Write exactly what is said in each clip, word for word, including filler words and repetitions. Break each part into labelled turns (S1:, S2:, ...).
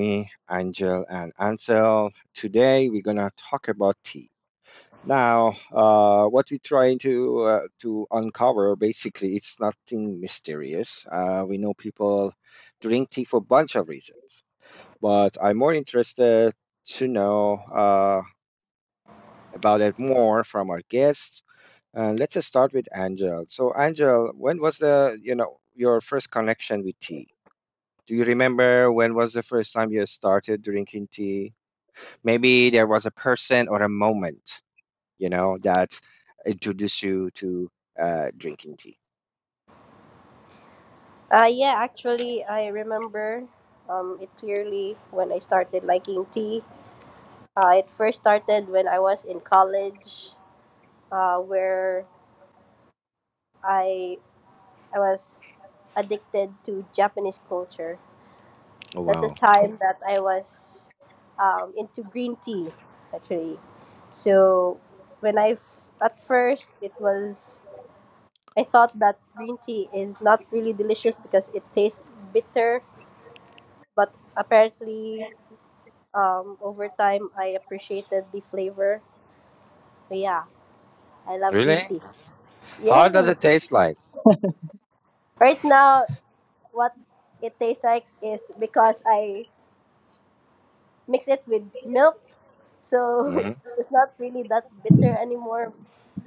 S1: me Angel and Ansel. Today, we're gonna talk about tea. Now, uh, what we're trying to uh, to uncover basically, it's nothing mysterious. Uh, we know people drink tea for a bunch of reasons, but I'm more interested to know uh, about it more from our guests. And let's just start with Angel. So, Angel, when was the you know your first connection with tea? Do you remember when was the first time you started drinking tea? Maybe there was a person or a moment, you know, that introduced you to uh, drinking tea.
S2: Uh, yeah, actually, I remember um, it clearly when I started liking tea. Uh, it first started when I was in college, uh, where I I was addicted to Japanese culture.
S1: Oh,
S2: That's the
S1: wow.
S2: time that I was um, into green tea, actually. So when I f- at first it was I thought that green tea is not really delicious because it tastes bitter, but apparently Um, over time, I appreciated the flavor. So yeah, I love green
S1: Really?
S2: tea.
S1: How does
S2: Yeah.
S1: it taste like?
S2: Right now, what it tastes like is because I mix it with milk, so
S1: hmm
S2: it's not really that bitter anymore.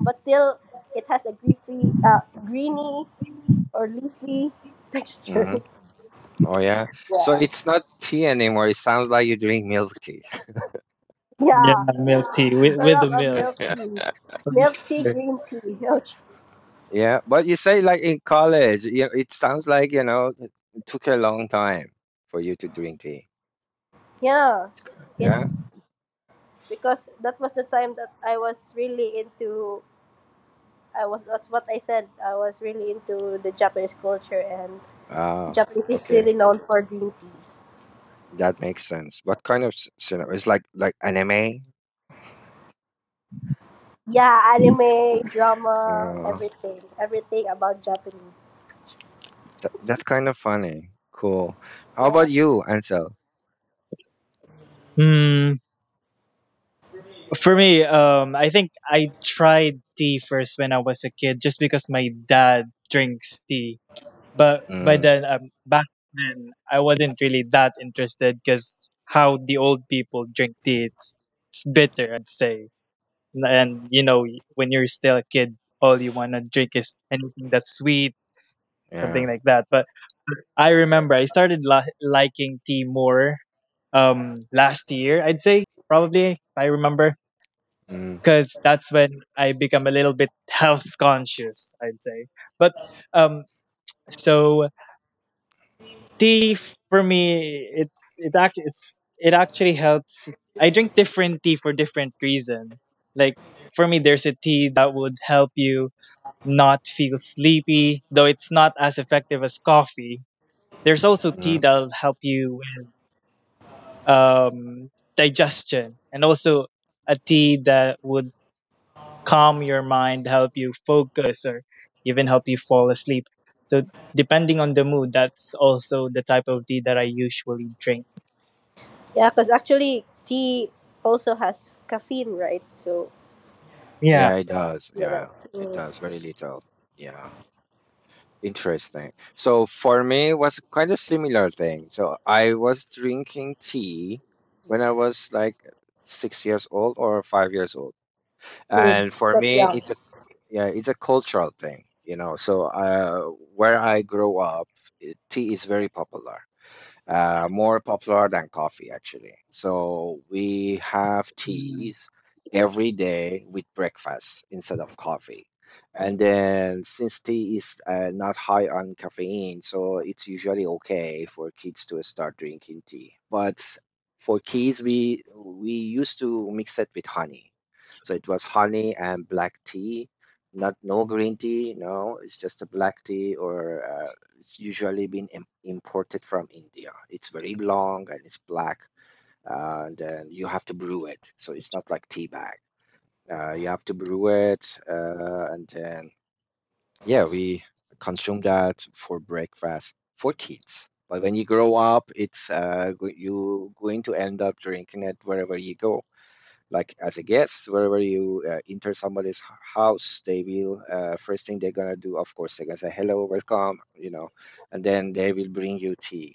S2: But still, it has a greasy, uh, greeny or leafy texture.
S1: hmm Oh, yeah. So
S2: Yeah.
S1: it's not tea anymore. It sounds like you drink milk tea.
S3: Yeah,
S2: Yeah.
S3: milk tea with,
S2: Sort
S3: with the
S2: of a
S3: milk.
S2: milk tea. Milk tea,
S3: Okay.
S2: green tea. Ouch.
S1: Yeah, but you say like in college, yeah, it sounds like, you know, it took a long time for you to drink tea.
S2: Yeah. It
S1: Yeah.
S2: because that was the time that I was really into I was that's what I said. I was really into the Japanese culture and
S1: Oh,
S2: Japanese is really
S1: okay.
S2: known for green teas.
S1: That makes sense. What kind of s- cinema? It's like like anime.
S2: Yeah, anime, drama,
S1: Uh,
S2: everything, everything about Japanese.
S1: that, that's kind of funny. Cool. How
S2: Yeah,
S1: about you, Ansel?
S3: Hmm. For me, um, I think I tried tea first when I was a kid, just because my dad drinks tea. But by
S1: Mm,
S3: then, um, back then, I wasn't really that interested because how the old people drink tea, it's, it's bitter, I'd say. N- And you know, y- When you're still a kid, all you wanna drink is anything that's sweet,
S1: yeah.
S3: something like that. But I remember I started la- liking tea more um last year. I'd say probably if I remember
S1: Mm,
S3: because that's when I become a little bit health conscious. I'd say, but um, so tea f- for me, it's it actually it's it actually helps. I drink different tea for different reason. Like for me, there's a tea that would help you not feel sleepy, though it's not as effective as coffee. There's also tea
S1: mm.
S3: that'll help you um, digestion, and also a tea that would calm your mind, help you focus, or even help you fall asleep. So, depending on the mood, that's also the type of tea that I usually drink.
S2: yeah, because actually tea also has caffeine, right? So
S3: Yeah.
S1: Yeah, it does.
S2: you know,
S1: Yeah, it
S2: mm,
S1: does. Very little. Yeah. Interesting. So for me, it was kind of similar thing. So I was drinking tea when I was like six years old or five years old,
S2: good.
S1: and for
S2: But
S1: me,
S2: yeah,
S1: it's a yeah it's a cultural thing, you know, so uh, where I grew up eh, tea is very popular, uh, more popular than coffee actually. So we have
S3: Mm.
S1: teas every day with breakfast instead of coffee. And then since tea is uh, not high on caffeine, so it's usually okay for kids to start drinking tea. But for kids, we we used to mix it with honey. So it was honey and black tea, not no green tea. No, it's just a black tea or uh, it's usually been im- imported from India. It's very long and it's black, and then you have to brew it. So it's not like tea bag. Uh, you have to brew it, uh, and then yeah, we consume that for breakfast for kids. But when you grow up, it's uh, go- you going to end up drinking it wherever you go, like as a guest wherever you uh, enter somebody's h- house. They will uh, first thing they're gonna do, of course, they're gonna say hello, welcome, you know, and then they will bring you tea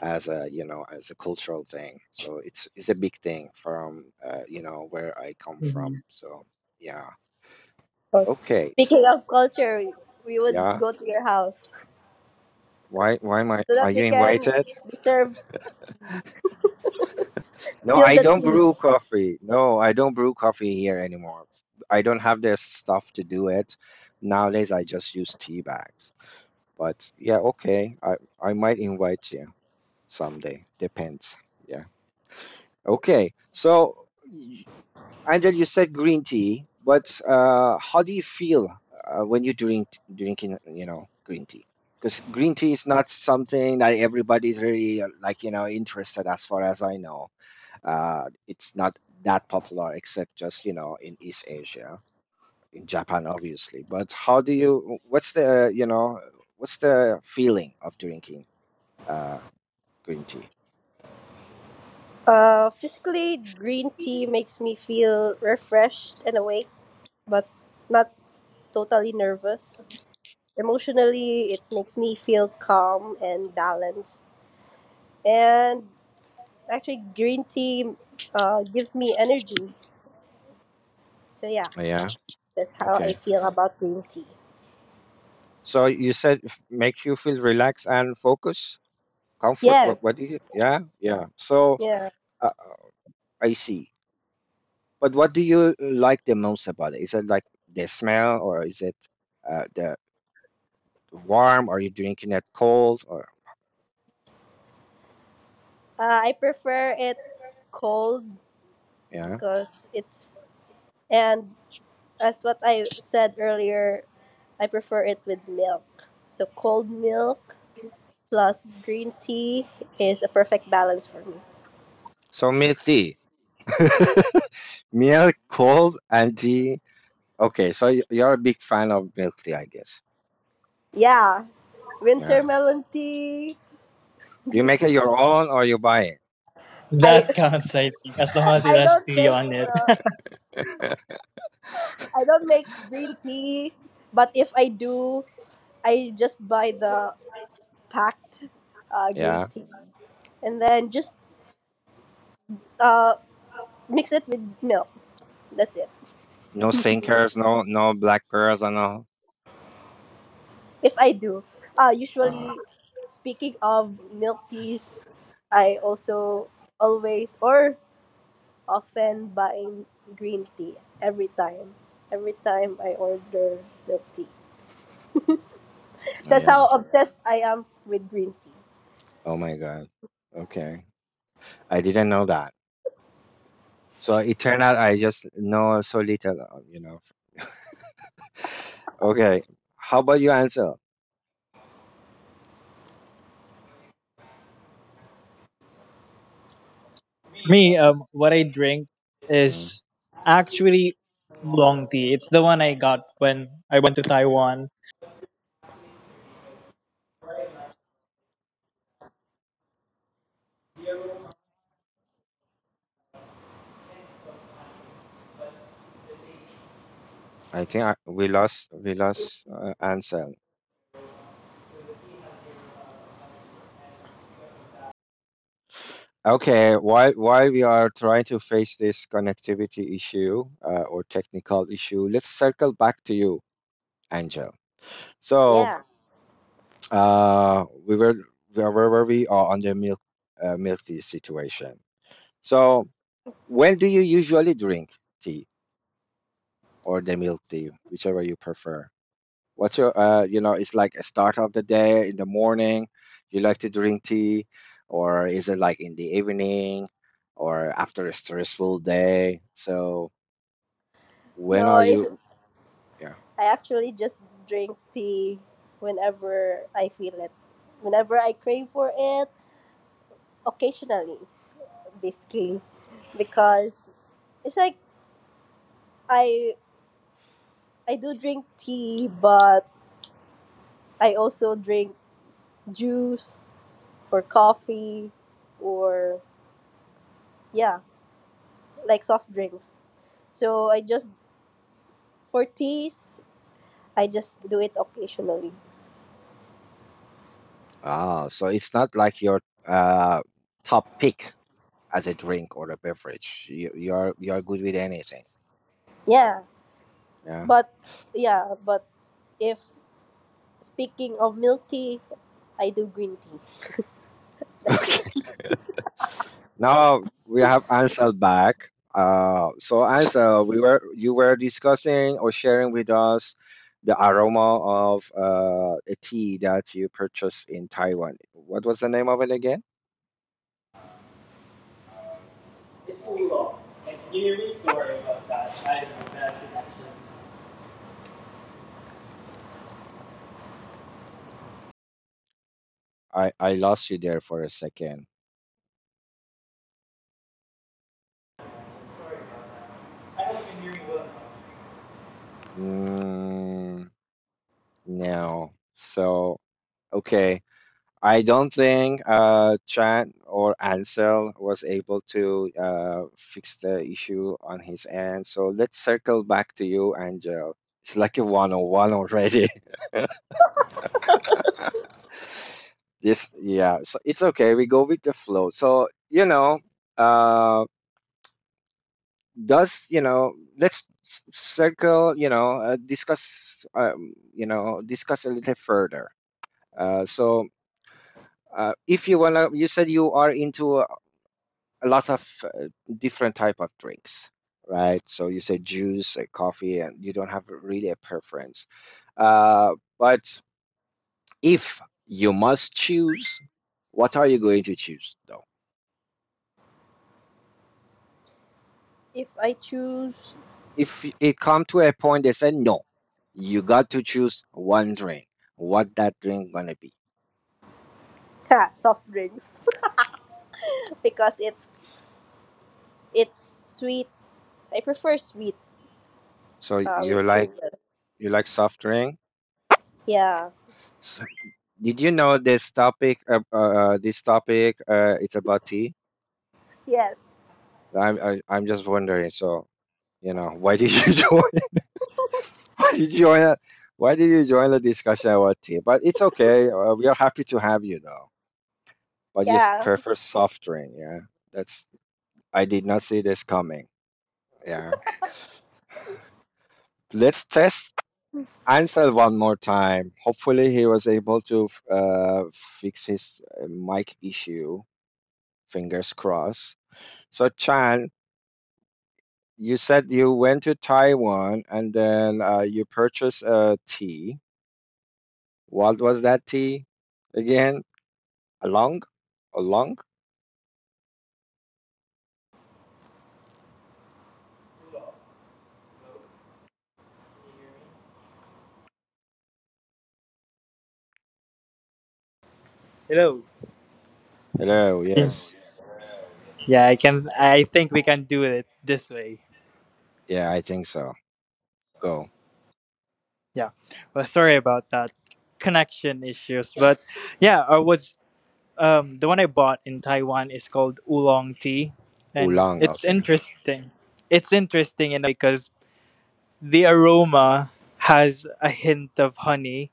S1: as a, you know, as a cultural thing. So it's it's a big thing from uh, you know where I come from,
S3: Mhm.
S1: so yeah.
S2: so
S1: Okay,
S2: speaking of culture, we would
S1: yeah.
S2: go to your house
S1: why why am I
S2: so
S1: Are
S2: that
S1: you
S2: we can
S1: invited?
S2: serve
S1: No,
S2: spill
S1: I
S2: the
S1: don't
S2: tea.
S1: brew coffee. No, I don't brew coffee here anymore. I don't have the stuff to do it. Nowadays, I just use tea bags. But yeah, okay. I I might invite you someday. Depends. Yeah. Okay. So, y- Angel, you said green tea, but uh, how do you feel uh, when you drink drinking, you know, green tea? Because green tea is not something that everybody's really uh, like, you know, interested as far as I know. Uh, it's not that popular except just, you know, in East Asia, in Japan, obviously. But how do you, what's the, you know, what's the feeling of drinking uh, green tea?
S2: Uh, physically, green tea makes me feel refreshed and awake, but not totally nervous. Emotionally, it makes me feel calm and balanced. And actually, green tea uh, gives me energy. So, yeah,
S1: Yeah.
S2: that's how I
S1: Okay.
S2: feel about green tea.
S1: So you said f- make you feel relaxed and focus, comfort. What, what
S2: Yes.
S1: do you, yeah, yeah. So
S2: Yeah.
S1: uh, I see. But what do you like the most about it? Is it like the smell or is it uh, the warm? Are you drinking it cold or
S2: Uh, I prefer it cold
S1: yeah?
S2: because it's and as what I said earlier, I prefer it with milk. So cold milk plus green tea is a perfect balance for me.
S1: So milk tea. Milk cold and tea. Okay, so y- you're a big fan of milk tea, I guess.
S2: Yeah, winter
S1: Yeah.
S2: melon tea.
S1: Do you make it your own or you buy it?
S2: I
S3: That counts, I think, as long as it
S2: I
S3: has
S2: don't
S3: tea
S2: make
S3: on it.
S2: the I don't make green tea, but if I do, I just buy the packed uh, green
S1: Yeah.
S2: tea and then just uh, mix it with milk. That's it.
S1: No sinkers, no no black pearls and all.
S2: If I do, uh,
S1: Uh,
S2: usually, speaking of milk teas, I also always or often buy green tea every time. Every time I order milk tea. That's
S1: yeah.
S2: how obsessed I am with green tea.
S1: Oh my god. Okay. I didn't know that. So it turned out I just know so little, uh, you know. Okay. How about you answer?
S3: For me, um, what I drink is actually long tea. It's the one I got when I went to Taiwan
S1: I think I, we lost we lost uh, Ansel. Okay, while while we are trying to face this connectivity issue uh, or technical issue, let's circle back to you, Angel. So
S2: Yeah.
S1: uh, we were where were we are on the milk uh, milk tea situation. So when do you usually drink tea, or the milk tea, whichever you prefer? What's your, uh, you know, it's like a start of the day in the morning. You like to drink tea, or is it like in the evening, or after a stressful day? So when
S2: No,
S1: are
S2: it's,
S1: you? Yeah.
S2: I actually just drink tea whenever I feel it. Whenever I crave for it, occasionally, basically. Because it's like I I do drink tea, but I also drink juice or coffee or yeah, like soft drinks. So I just for teas, I just do it occasionally.
S1: Ah, so it's not like your uh, top pick as a drink or a beverage. You you are you are good with anything.
S2: Yeah,
S1: Yeah.
S2: but yeah, but if speaking of milk tea, I do green tea. That's it.
S1: Now we have Ansel back. Uh, so Ansel, we were you were discussing or sharing with us the aroma of uh, a tea that you purchased in Taiwan. What was the name of it again?
S2: It's Oolong. And you're really sorry about that. I have a bad connection.
S1: I I lost you there for a second.
S2: Sorry about that. I hope you can hear me well.
S1: Mm, no. So okay. I don't think uh, Chan or Ansel was able to uh, fix the issue on his end. So let's circle back to you, Angel. It's like a one-on-one already. This, yeah. So it's okay. We go with the flow. So you know, uh, does you know? Let's s- circle. You know, uh, discuss. Um, you know, discuss a little further. Uh, so uh, if you wanna, you said you are into a lot of uh, different type of drinks, right? So you say juice and coffee and you don't have really a preference, uh, but if you must choose, what are you going to choose though?
S2: If I choose
S1: If it come to a point they say no, you got to choose one drink, what that drink gonna be?
S2: Ha, soft drinks because it's it's sweet. I prefer sweet
S1: So
S2: uh,
S1: you
S2: with
S1: like,
S2: sugar.
S1: you like soft drink.
S2: Yeah.
S1: So did you know this topic uh, uh, this topic uh, it's about tea?
S2: Yes.
S1: I'm, I, I'm just wondering, so you know, why did you join? Why did you join, A, why did you join the discussion about tea? But it's okay. Uh, we are happy to have you though. But just
S2: Yeah.
S1: prefer soft drink. Yeah, that's. I did not see this coming. Yeah, let's test Ansel one more time. Hopefully, he was able to uh, fix his uh, mic issue. Fingers crossed. So Chan, you said you went to Taiwan and then uh, you purchased a tea. What was that tea again? Along? Along?
S2: Hello.
S1: Hello,
S2: Y-
S1: yes.
S2: Yeah, I can. I think we can do it this way.
S1: Yeah, I think so. Go.
S2: Yeah. Well, sorry about that connection issues, but yeah, I was um the one I bought in Taiwan is called oolong tea, and
S1: Oolong,
S2: it's
S1: okay.
S2: interesting. It's interesting in a way because the aroma has a hint of honey,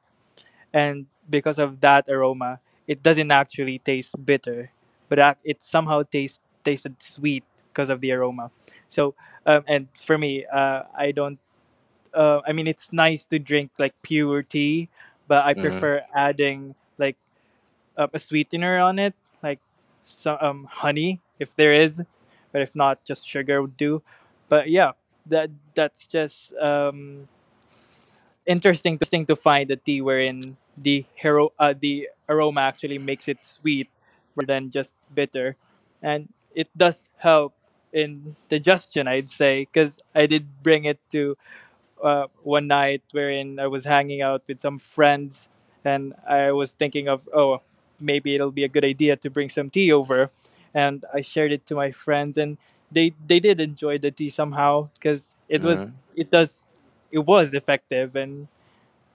S2: and because of that aroma, it doesn't actually taste bitter, but ac- it somehow tastes tasted sweet because of the aroma. So, um, and for me, uh, I don't. Uh, I mean, it's nice to drink like pure tea, but I
S1: Mm-hmm.
S2: prefer adding like uh, a sweetener on it, like some um, honey if there is, but if not, just sugar would do. But yeah, that that's just um, interesting to find a tea wherein the hero uh, the aroma actually makes it sweet rather than just bitter and it does help in digestion I'd say because I did bring it to uh, one night wherein I was hanging out with some friends and I was thinking of oh maybe it'll be a good idea to bring some tea over and I shared it to my friends and they they did enjoy the tea somehow because it was
S1: hmm
S2: it does it was effective and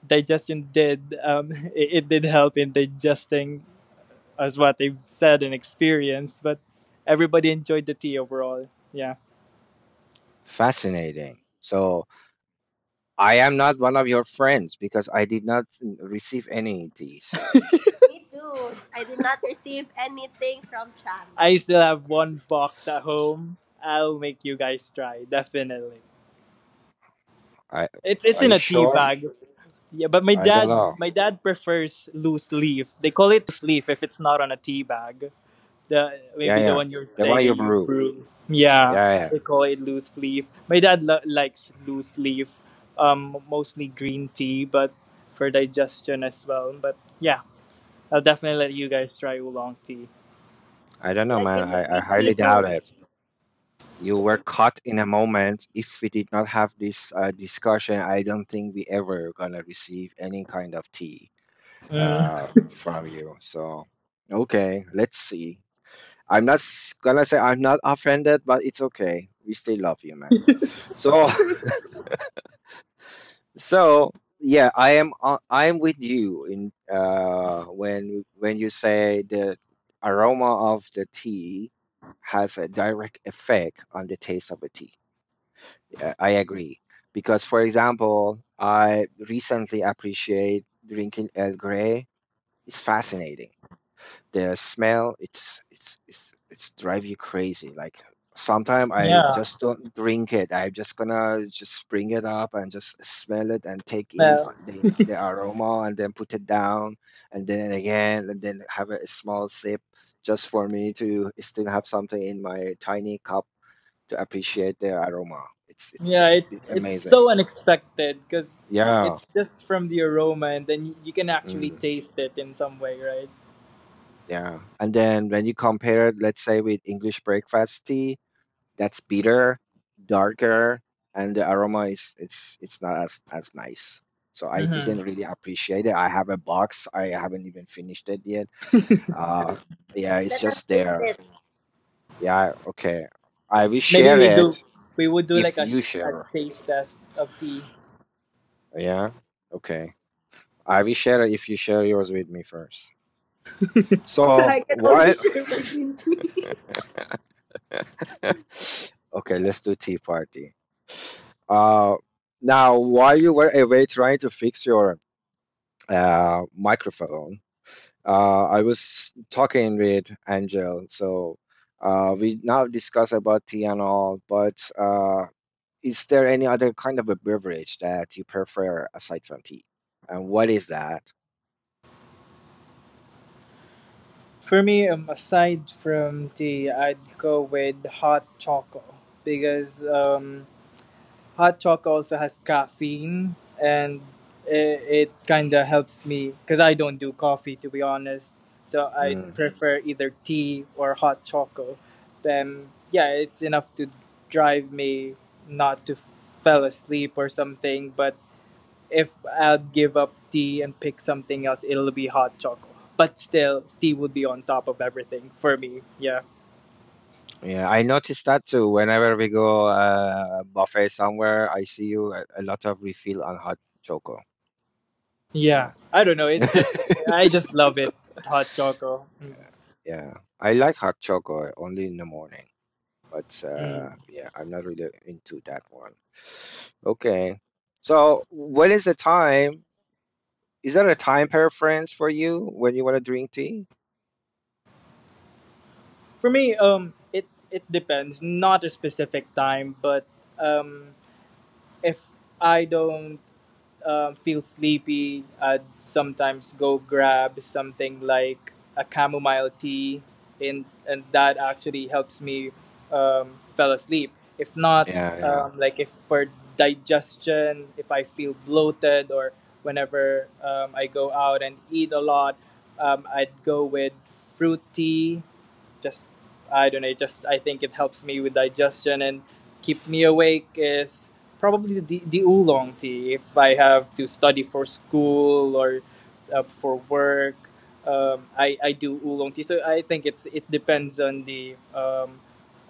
S2: digestion did um, it, it did help in digesting as what they've said and experienced but everybody enjoyed the tea overall yeah.
S1: Fascinating. So I am not one of your friends because I did not n- receive any of these.
S2: Me too. I did not receive anything from Chang. I still have one box at home I'll make you guys try definitely
S1: I
S2: it's it's
S1: Are
S2: in
S1: you
S2: a tea
S1: sure?
S2: bag yeah but my
S1: I don't
S2: dad
S1: know.
S2: my dad prefers loose leaf they call it loose leaf if it's not on a tea bag the
S1: Yeah,
S2: maybe the
S1: yeah.
S2: one you're
S1: The
S2: saying
S1: one
S2: that
S1: you
S2: you
S1: brew.
S2: brew. Yeah,
S1: Yeah, yeah.
S2: they call it loose leaf. My dad lo- likes loose leaf, um, mostly green tea, but for digestion as well. But yeah, I'll definitely let you guys try oolong tea.
S1: I don't know,
S2: Yeah,
S1: man.
S2: give me
S1: I, I
S2: green tea
S1: highly
S2: too.
S1: doubt it. You were caught in a moment. If we did not have this uh, discussion, I don't think we ever gonna receive any kind of tea, uh, from you. So, okay, let's see. I'm not s- gonna say I'm not offended, but it's okay. We still love you, man. So, so yeah, I am. o- I am with you in uh, when when you say the aroma of the tea has a direct effect on the taste of a tea. Yeah, I agree because, for example, I recently appreciate drinking El Grey. It's fascinating. The smell, it's it's it's it's drive you crazy. Like sometimes I
S2: Yeah,
S1: just don't drink it. I'm just gonna just bring it up and just smell it and take in
S2: well,
S1: uh, the the aroma and then put it down and then again and then have a small sip just for me to still have something in my tiny cup to appreciate the aroma. It's it's
S2: yeah,
S1: it's,
S2: it's
S1: it's
S2: it's
S1: amazing.
S2: so unexpected because
S1: Yeah.
S2: it's just from the aroma, and then you, you can actually
S1: Mm,
S2: taste it in some way, right?
S1: yeah. And then when you compare it, let's say with English breakfast tea, that's bitter, darker, and the aroma is it's it's not as as nice. So I
S2: Mm-hmm.
S1: didn't really appreciate it. I have a box. I haven't even finished it yet. Uh, yeah, it's
S2: Let us
S1: just
S2: taste
S1: there.
S2: it.
S1: Yeah, okay. I will
S2: Maybe
S1: share
S2: we
S1: it
S2: do. We would do like
S1: if
S2: a,
S1: you
S2: sh- a
S1: share.
S2: taste test of tea.
S1: Yeah, okay. I will share it if you share yours with me first. So what? Okay, let's do tea party. Uh, now, while you were away trying to fix your uh, microphone. Uh, I was talking with Angel, so uh, we now discuss about tea and all. But uh, is there any other kind of a beverage that you prefer aside from tea, and what is that?
S2: For me, um, aside from tea, I'd go with hot choco because um, hot choco also has caffeine and it, it kind of helps me because I don't do coffee to be honest. So I'd
S1: Mm,
S2: prefer either tea or hot choco. Then yeah, it's enough to drive me not to fell asleep or something, but if I'd give up tea and pick something else, it'll be hot chocolate. But still, tea would be on top of everything for me. Yeah.
S1: yeah, I noticed that too. Whenever we go uh, buffet somewhere, I see you a, a lot of refill on hot choco.
S2: Yeah.
S1: Yeah,
S2: I don't know. It's just I just love it. Hot chocolate. Mm.
S1: yeah. I like hot choco only in the morning. But
S2: Mm.
S1: uh, yeah, I'm not really into that one. Okay. So, what is the time? Is that a time preference for you when you want to drink tea?
S2: For me, um, it it depends. Not a specific time, but um, if I don't um, feel sleepy, I'd sometimes go grab something like a chamomile tea, and and that actually helps me um, fell asleep. If not,
S1: Yeah,
S2: um, like if for digestion, if I feel bloated or whenever um, I go out and eat a lot, um, I'd go with fruit tea just I don't know. It just I think it helps me with digestion and keeps me awake. Is probably the, the oolong tea if I have to study for school or uh, for work. Um, I I do oolong tea, so I think it's it depends on the um,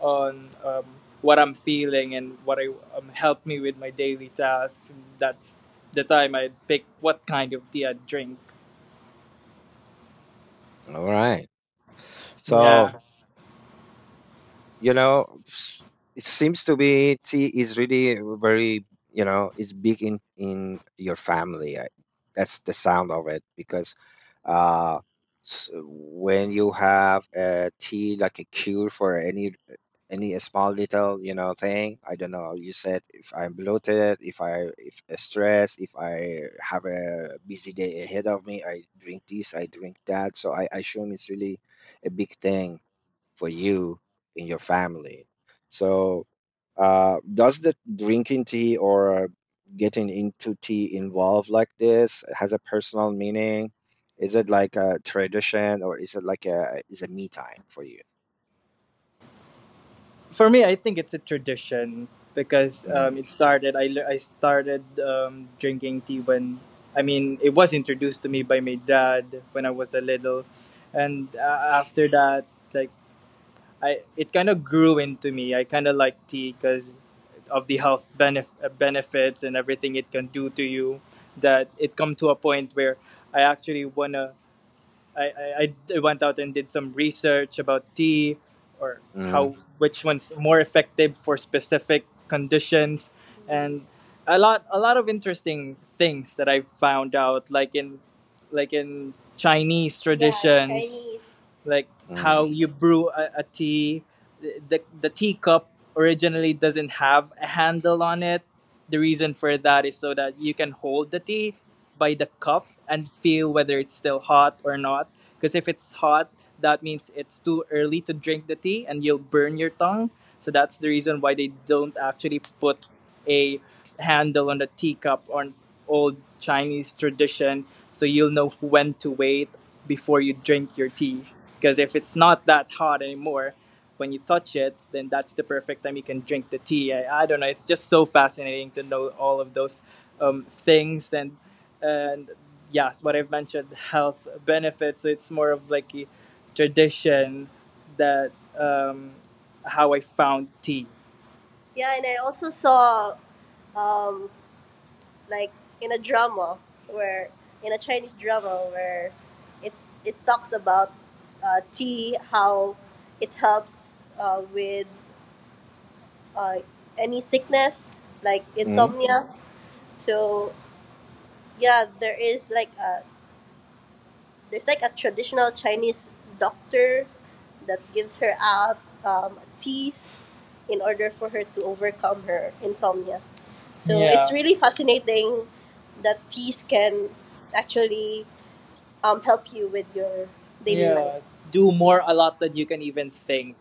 S2: on um, what I'm feeling and what I um, help me with my daily tasks. That's the time I pick what kind of tea I drink.
S1: yeah. All right.
S2: Yeah.
S1: So, you know, s- it seems to be tea is really very, you know, it's big in in your family. I, that's the sound of it because uh, s- when you have a tea like a cure for any any small little you know thing. I don't know, you said if I'm bloated, if I if stressed, if I have a busy day ahead of me, I drink this, I drink that. So I assume it's really a big thing for you and your family. So, uh, does the drinking tea or getting into tea involve like this? It has a personal meaning? Is it like a tradition or is it like a is a me time for you?
S2: For me, I think it's a tradition because
S1: Mm,
S2: um, it started. I le- I started um, drinking tea when I mean it was introduced to me by my dad when I was a little, and uh, after that, like I it kind of grew into me. I kind of like tea because of the health benef- uh, benefits and everything it can do to you. That it come to a point where I actually wanna I, I, I went out and did some research about tea or
S1: mm,
S2: how which one's more effective for specific conditions and a lot a lot of interesting things that I found out like in like in Chinese. Yeah, traditions Chinese, like
S1: mm,
S2: how you brew a, a tea the, the the teacup originally doesn't have a handle on it the reason for that is so that you can hold the tea by the cup and feel whether it's still hot or not. Because if it's hot, that means it's too early to drink the tea and you'll burn your tongue. So that's the reason why they don't actually put a handle on the teacup on old Chinese tradition. So you'll know when to wait before you drink your tea. Because if it's not that hot anymore, when you touch it, then that's the perfect time you can drink the tea. I, I don't know. It's just so fascinating to know all of those um, things and and yes, what I've mentioned, health benefits. So it's more of like a tradition that um, how I found tea. Yeah, and I also saw um, like in a drama where in a Chinese drama where it it talks about uh, tea how it helps uh, with uh, any sickness like
S1: mm.
S2: insomnia. So yeah, there is like a there's like a traditional Chinese doctor that gives her out um, teas in order for her to overcome her insomnia. So yeah, it's really fascinating that teas can actually um, help you with your daily yeah life. Do more a lot than you can even think.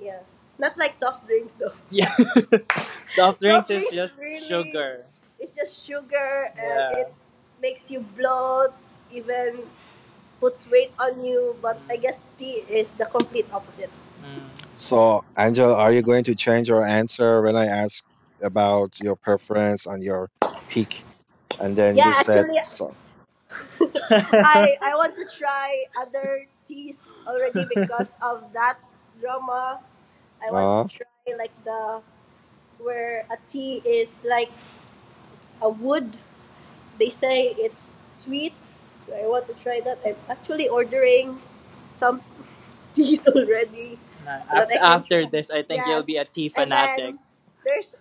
S2: Yeah. Not like soft drinks though. Yeah. Soft drinks soft is drinks just really- sugar. It's just sugar and yeah it makes you bloat, even puts weight on you, but I guess tea is the complete opposite. Mm.
S1: So, Angela, are you going to change your answer when I ask about your preference and your peak? And then
S2: Yeah,
S1: you said
S2: actually,
S1: so.
S2: I I want to try other teas already because of that drama. I want to
S1: Uh,
S2: try like the where a tea is like a wood. They say it's sweet. So I want to try that. I'm actually ordering some teas already Na- so that after I can after try. This, I think yes, you'll yes, be a tea and then fanatic. There's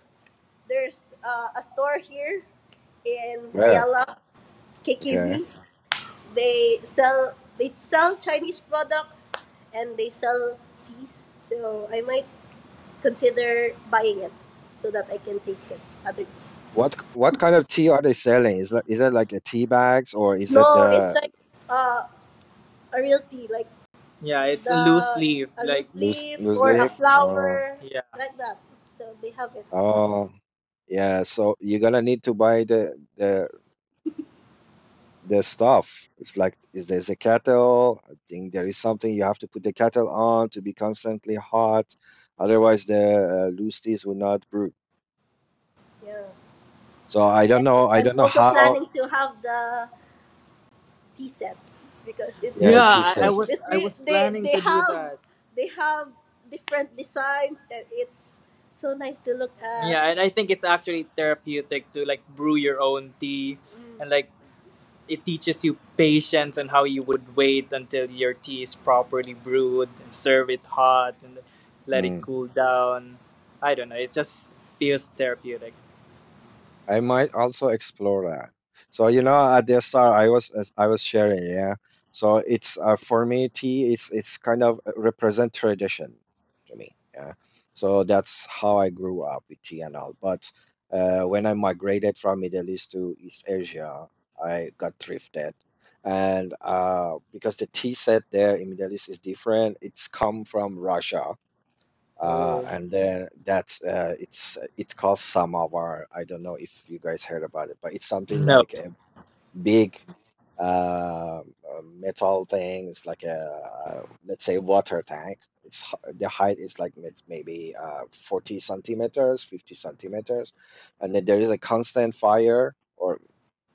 S2: there's uh, a store here in
S1: where?
S2: Ayala,
S1: Okay.
S2: K K V. They sell they sell Chinese products and they sell teas. So I might consider buying it so that I can taste it. Other teas.
S1: What what kind of tea are they selling? Is that is that like a tea bags or is it
S2: No, it's
S1: the
S2: like uh, a real tea, like yeah, it's a loose the leaf. A like loose
S1: loose
S2: leaf
S1: loose
S2: or a
S1: leaf? Uh,
S2: flower yeah like that. So they have it.
S1: oh, yeah. So you're gonna need to buy the the the stuff. It's like is there's a kettle? I think there is something you have to put the kettle on to be constantly hot. Otherwise, the uh, loose teas will not brew.
S2: Yeah.
S1: So I don't
S2: And
S1: know. I
S2: I'm
S1: don't know
S2: also
S1: how.
S2: planning to have the T C E P because it's yeah,
S1: Yeah, tea
S2: I, I was
S1: sets.
S2: it's I was they planning they to have, do that. They have different designs and it's so nice to look at. Yeah, and I think it's actually therapeutic to like brew your own tea. Mm. And like it teaches you patience and how you would wait until your tea is properly brewed and serve it hot and let it
S1: Mm.
S2: cool down. I don't know, it just feels therapeutic.
S1: I might also explore that. So you know, at the start, I was as I was sharing, yeah. So it's uh, for me, tea is it's kind of uh, represent tradition to me, yeah. So that's how I grew up with tea and all. But uh, when I migrated from Middle East to East Asia, I got drifted, and uh, because the tea set there in Middle East is different, it's come from Russia uh,
S2: Oh
S1: and then that's uh, it's it costs some of our, I don't know if you guys heard about it, but it's something
S2: no.
S1: like a big uh, uh, metal thing. It's like a uh, let's say water tank. It's h- the height is like may- maybe uh, forty centimeters, fifty centimeters, and then there is a constant fire or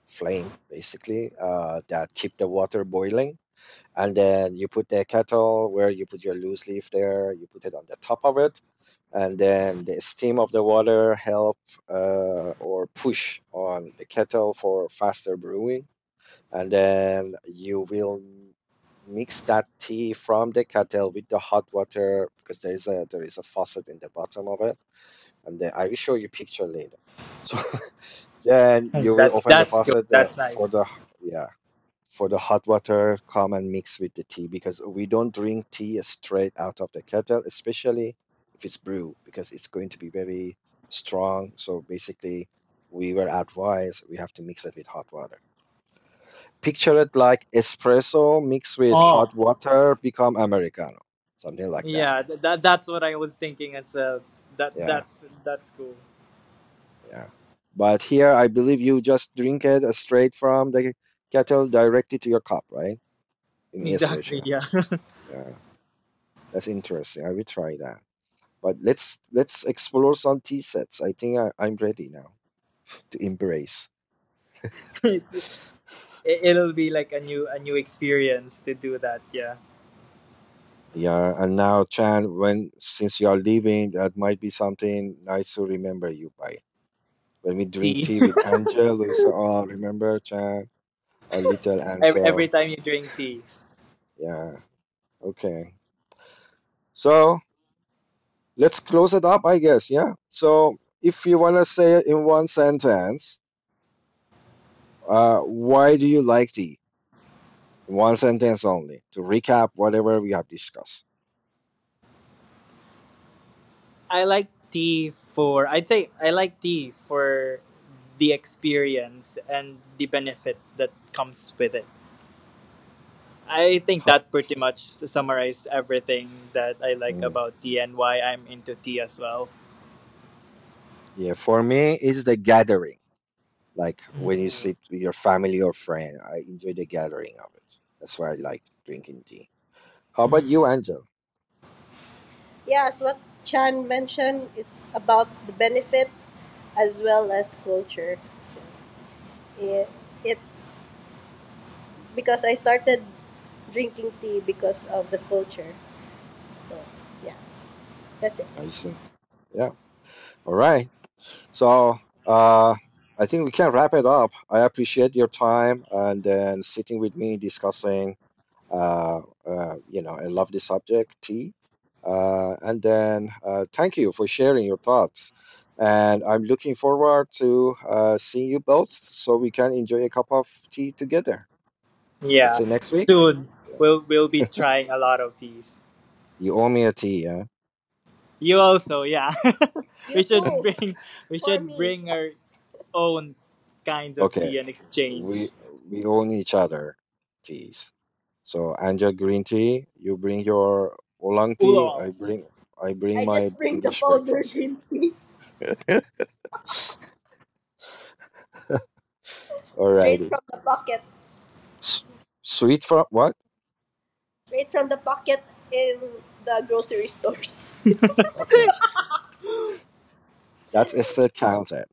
S1: flame basically uh, that keep the water boiling, and then you put the kettle where you put your loose leaf there, you put it on the top of it, and then the steam of the water help uh, or push on the kettle for faster brewing. And then you will mix that tea from the kettle with the hot water because there is a there is a faucet in the bottom of it. And then I will show you picture later, so then you will
S2: That's
S1: open the
S2: that's good.
S1: faucet uh,
S2: That's
S1: for
S2: nice.
S1: the, yeah, for the hot water come and mix with the tea, because we don't drink tea straight out of the kettle, especially if it's brew, because it's going to be very strong. So basically we were advised we have to mix it with hot water. Picture it like espresso mixed with hot
S2: Oh.
S1: water become americano, something like that,
S2: Yeah, th- that that's what I was thinking as well. That
S1: yeah.
S2: that's that's cool.
S1: Yeah, but here I believe you just drink it straight from the kettle directly to your cup, right? In East
S2: Exactly.
S1: Asia,
S2: Yeah,
S1: yeah. That's interesting, I will try that. But let's let's explore some tea sets. I think I, I'm ready now to embrace.
S2: it's it, it'll be like a new a new experience to do that. Yeah,
S1: Yeah, and now Chan, when since you are leaving, that might be something nice to remember you by. When we drink
S2: tea
S1: tea with Angel, we say, "Oh, remember Chan, our little
S2: every, every
S1: Ansel."
S2: time you drink tea.
S1: Yeah, okay. So let's close it up, I guess. Yeah. So if you wanna say it in one sentence, uh, why do you like tea? One sentence only to recap whatever we have discussed.
S2: I like tea for I'd say I like tea for the experience and the benefit that comes with it. I think
S1: Huh.
S2: that pretty much summarizes everything that I like about tea and why I'm into tea as well.
S1: Yeah, for me, it's the gathering. Like when you
S2: Mhm.
S1: sit with your family or friend, I enjoy the gathering of it. That's why I like drinking tea. How about you,
S2: Mm.
S1: Angel?
S2: Yes, what Chan mentioned is about the benefit as well as culture. So it, it because I started drinking tea because of the culture. So yeah, that's it.
S1: I see. Yeah. All right. So, uh, I think we can wrap it up. I appreciate your time and then sitting with me discussing Uh, uh, you know, I love the subject, tea. Uh, and then uh, thank you for sharing your thoughts. And I'm looking forward to uh, seeing you both so we can enjoy a cup of tea together. Let's
S2: Yeah,
S1: say next week.
S2: soon
S1: Yeah.
S2: we'll we'll be trying a lot of these.
S1: You owe me a tea, yeah?
S2: You also, yeah. You we should too bring we for should me bring our own kinds of
S1: Okay.
S2: tea and
S1: We
S2: exchange.
S1: we own each other teas. So Angel green tea, you bring your oolong tea, I
S2: Oolong.
S1: bring I bring
S2: I
S1: my
S2: just bring the
S1: English
S2: powder
S1: breakfast.
S2: green tea straight
S1: Alrighty.
S2: from the pocket.
S1: S- sweet from what?
S2: Straight from the pocket in the grocery stores.
S1: Okay. That's still counted.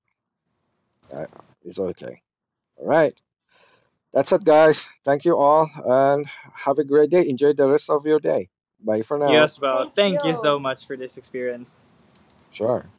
S1: Uh, it's okay. All right. That's it, guys. Thank you all and have a great day. Enjoy the rest of your day. Bye for now.
S2: Yes, well, Thank thank you you. so much for this experience.
S1: Sure.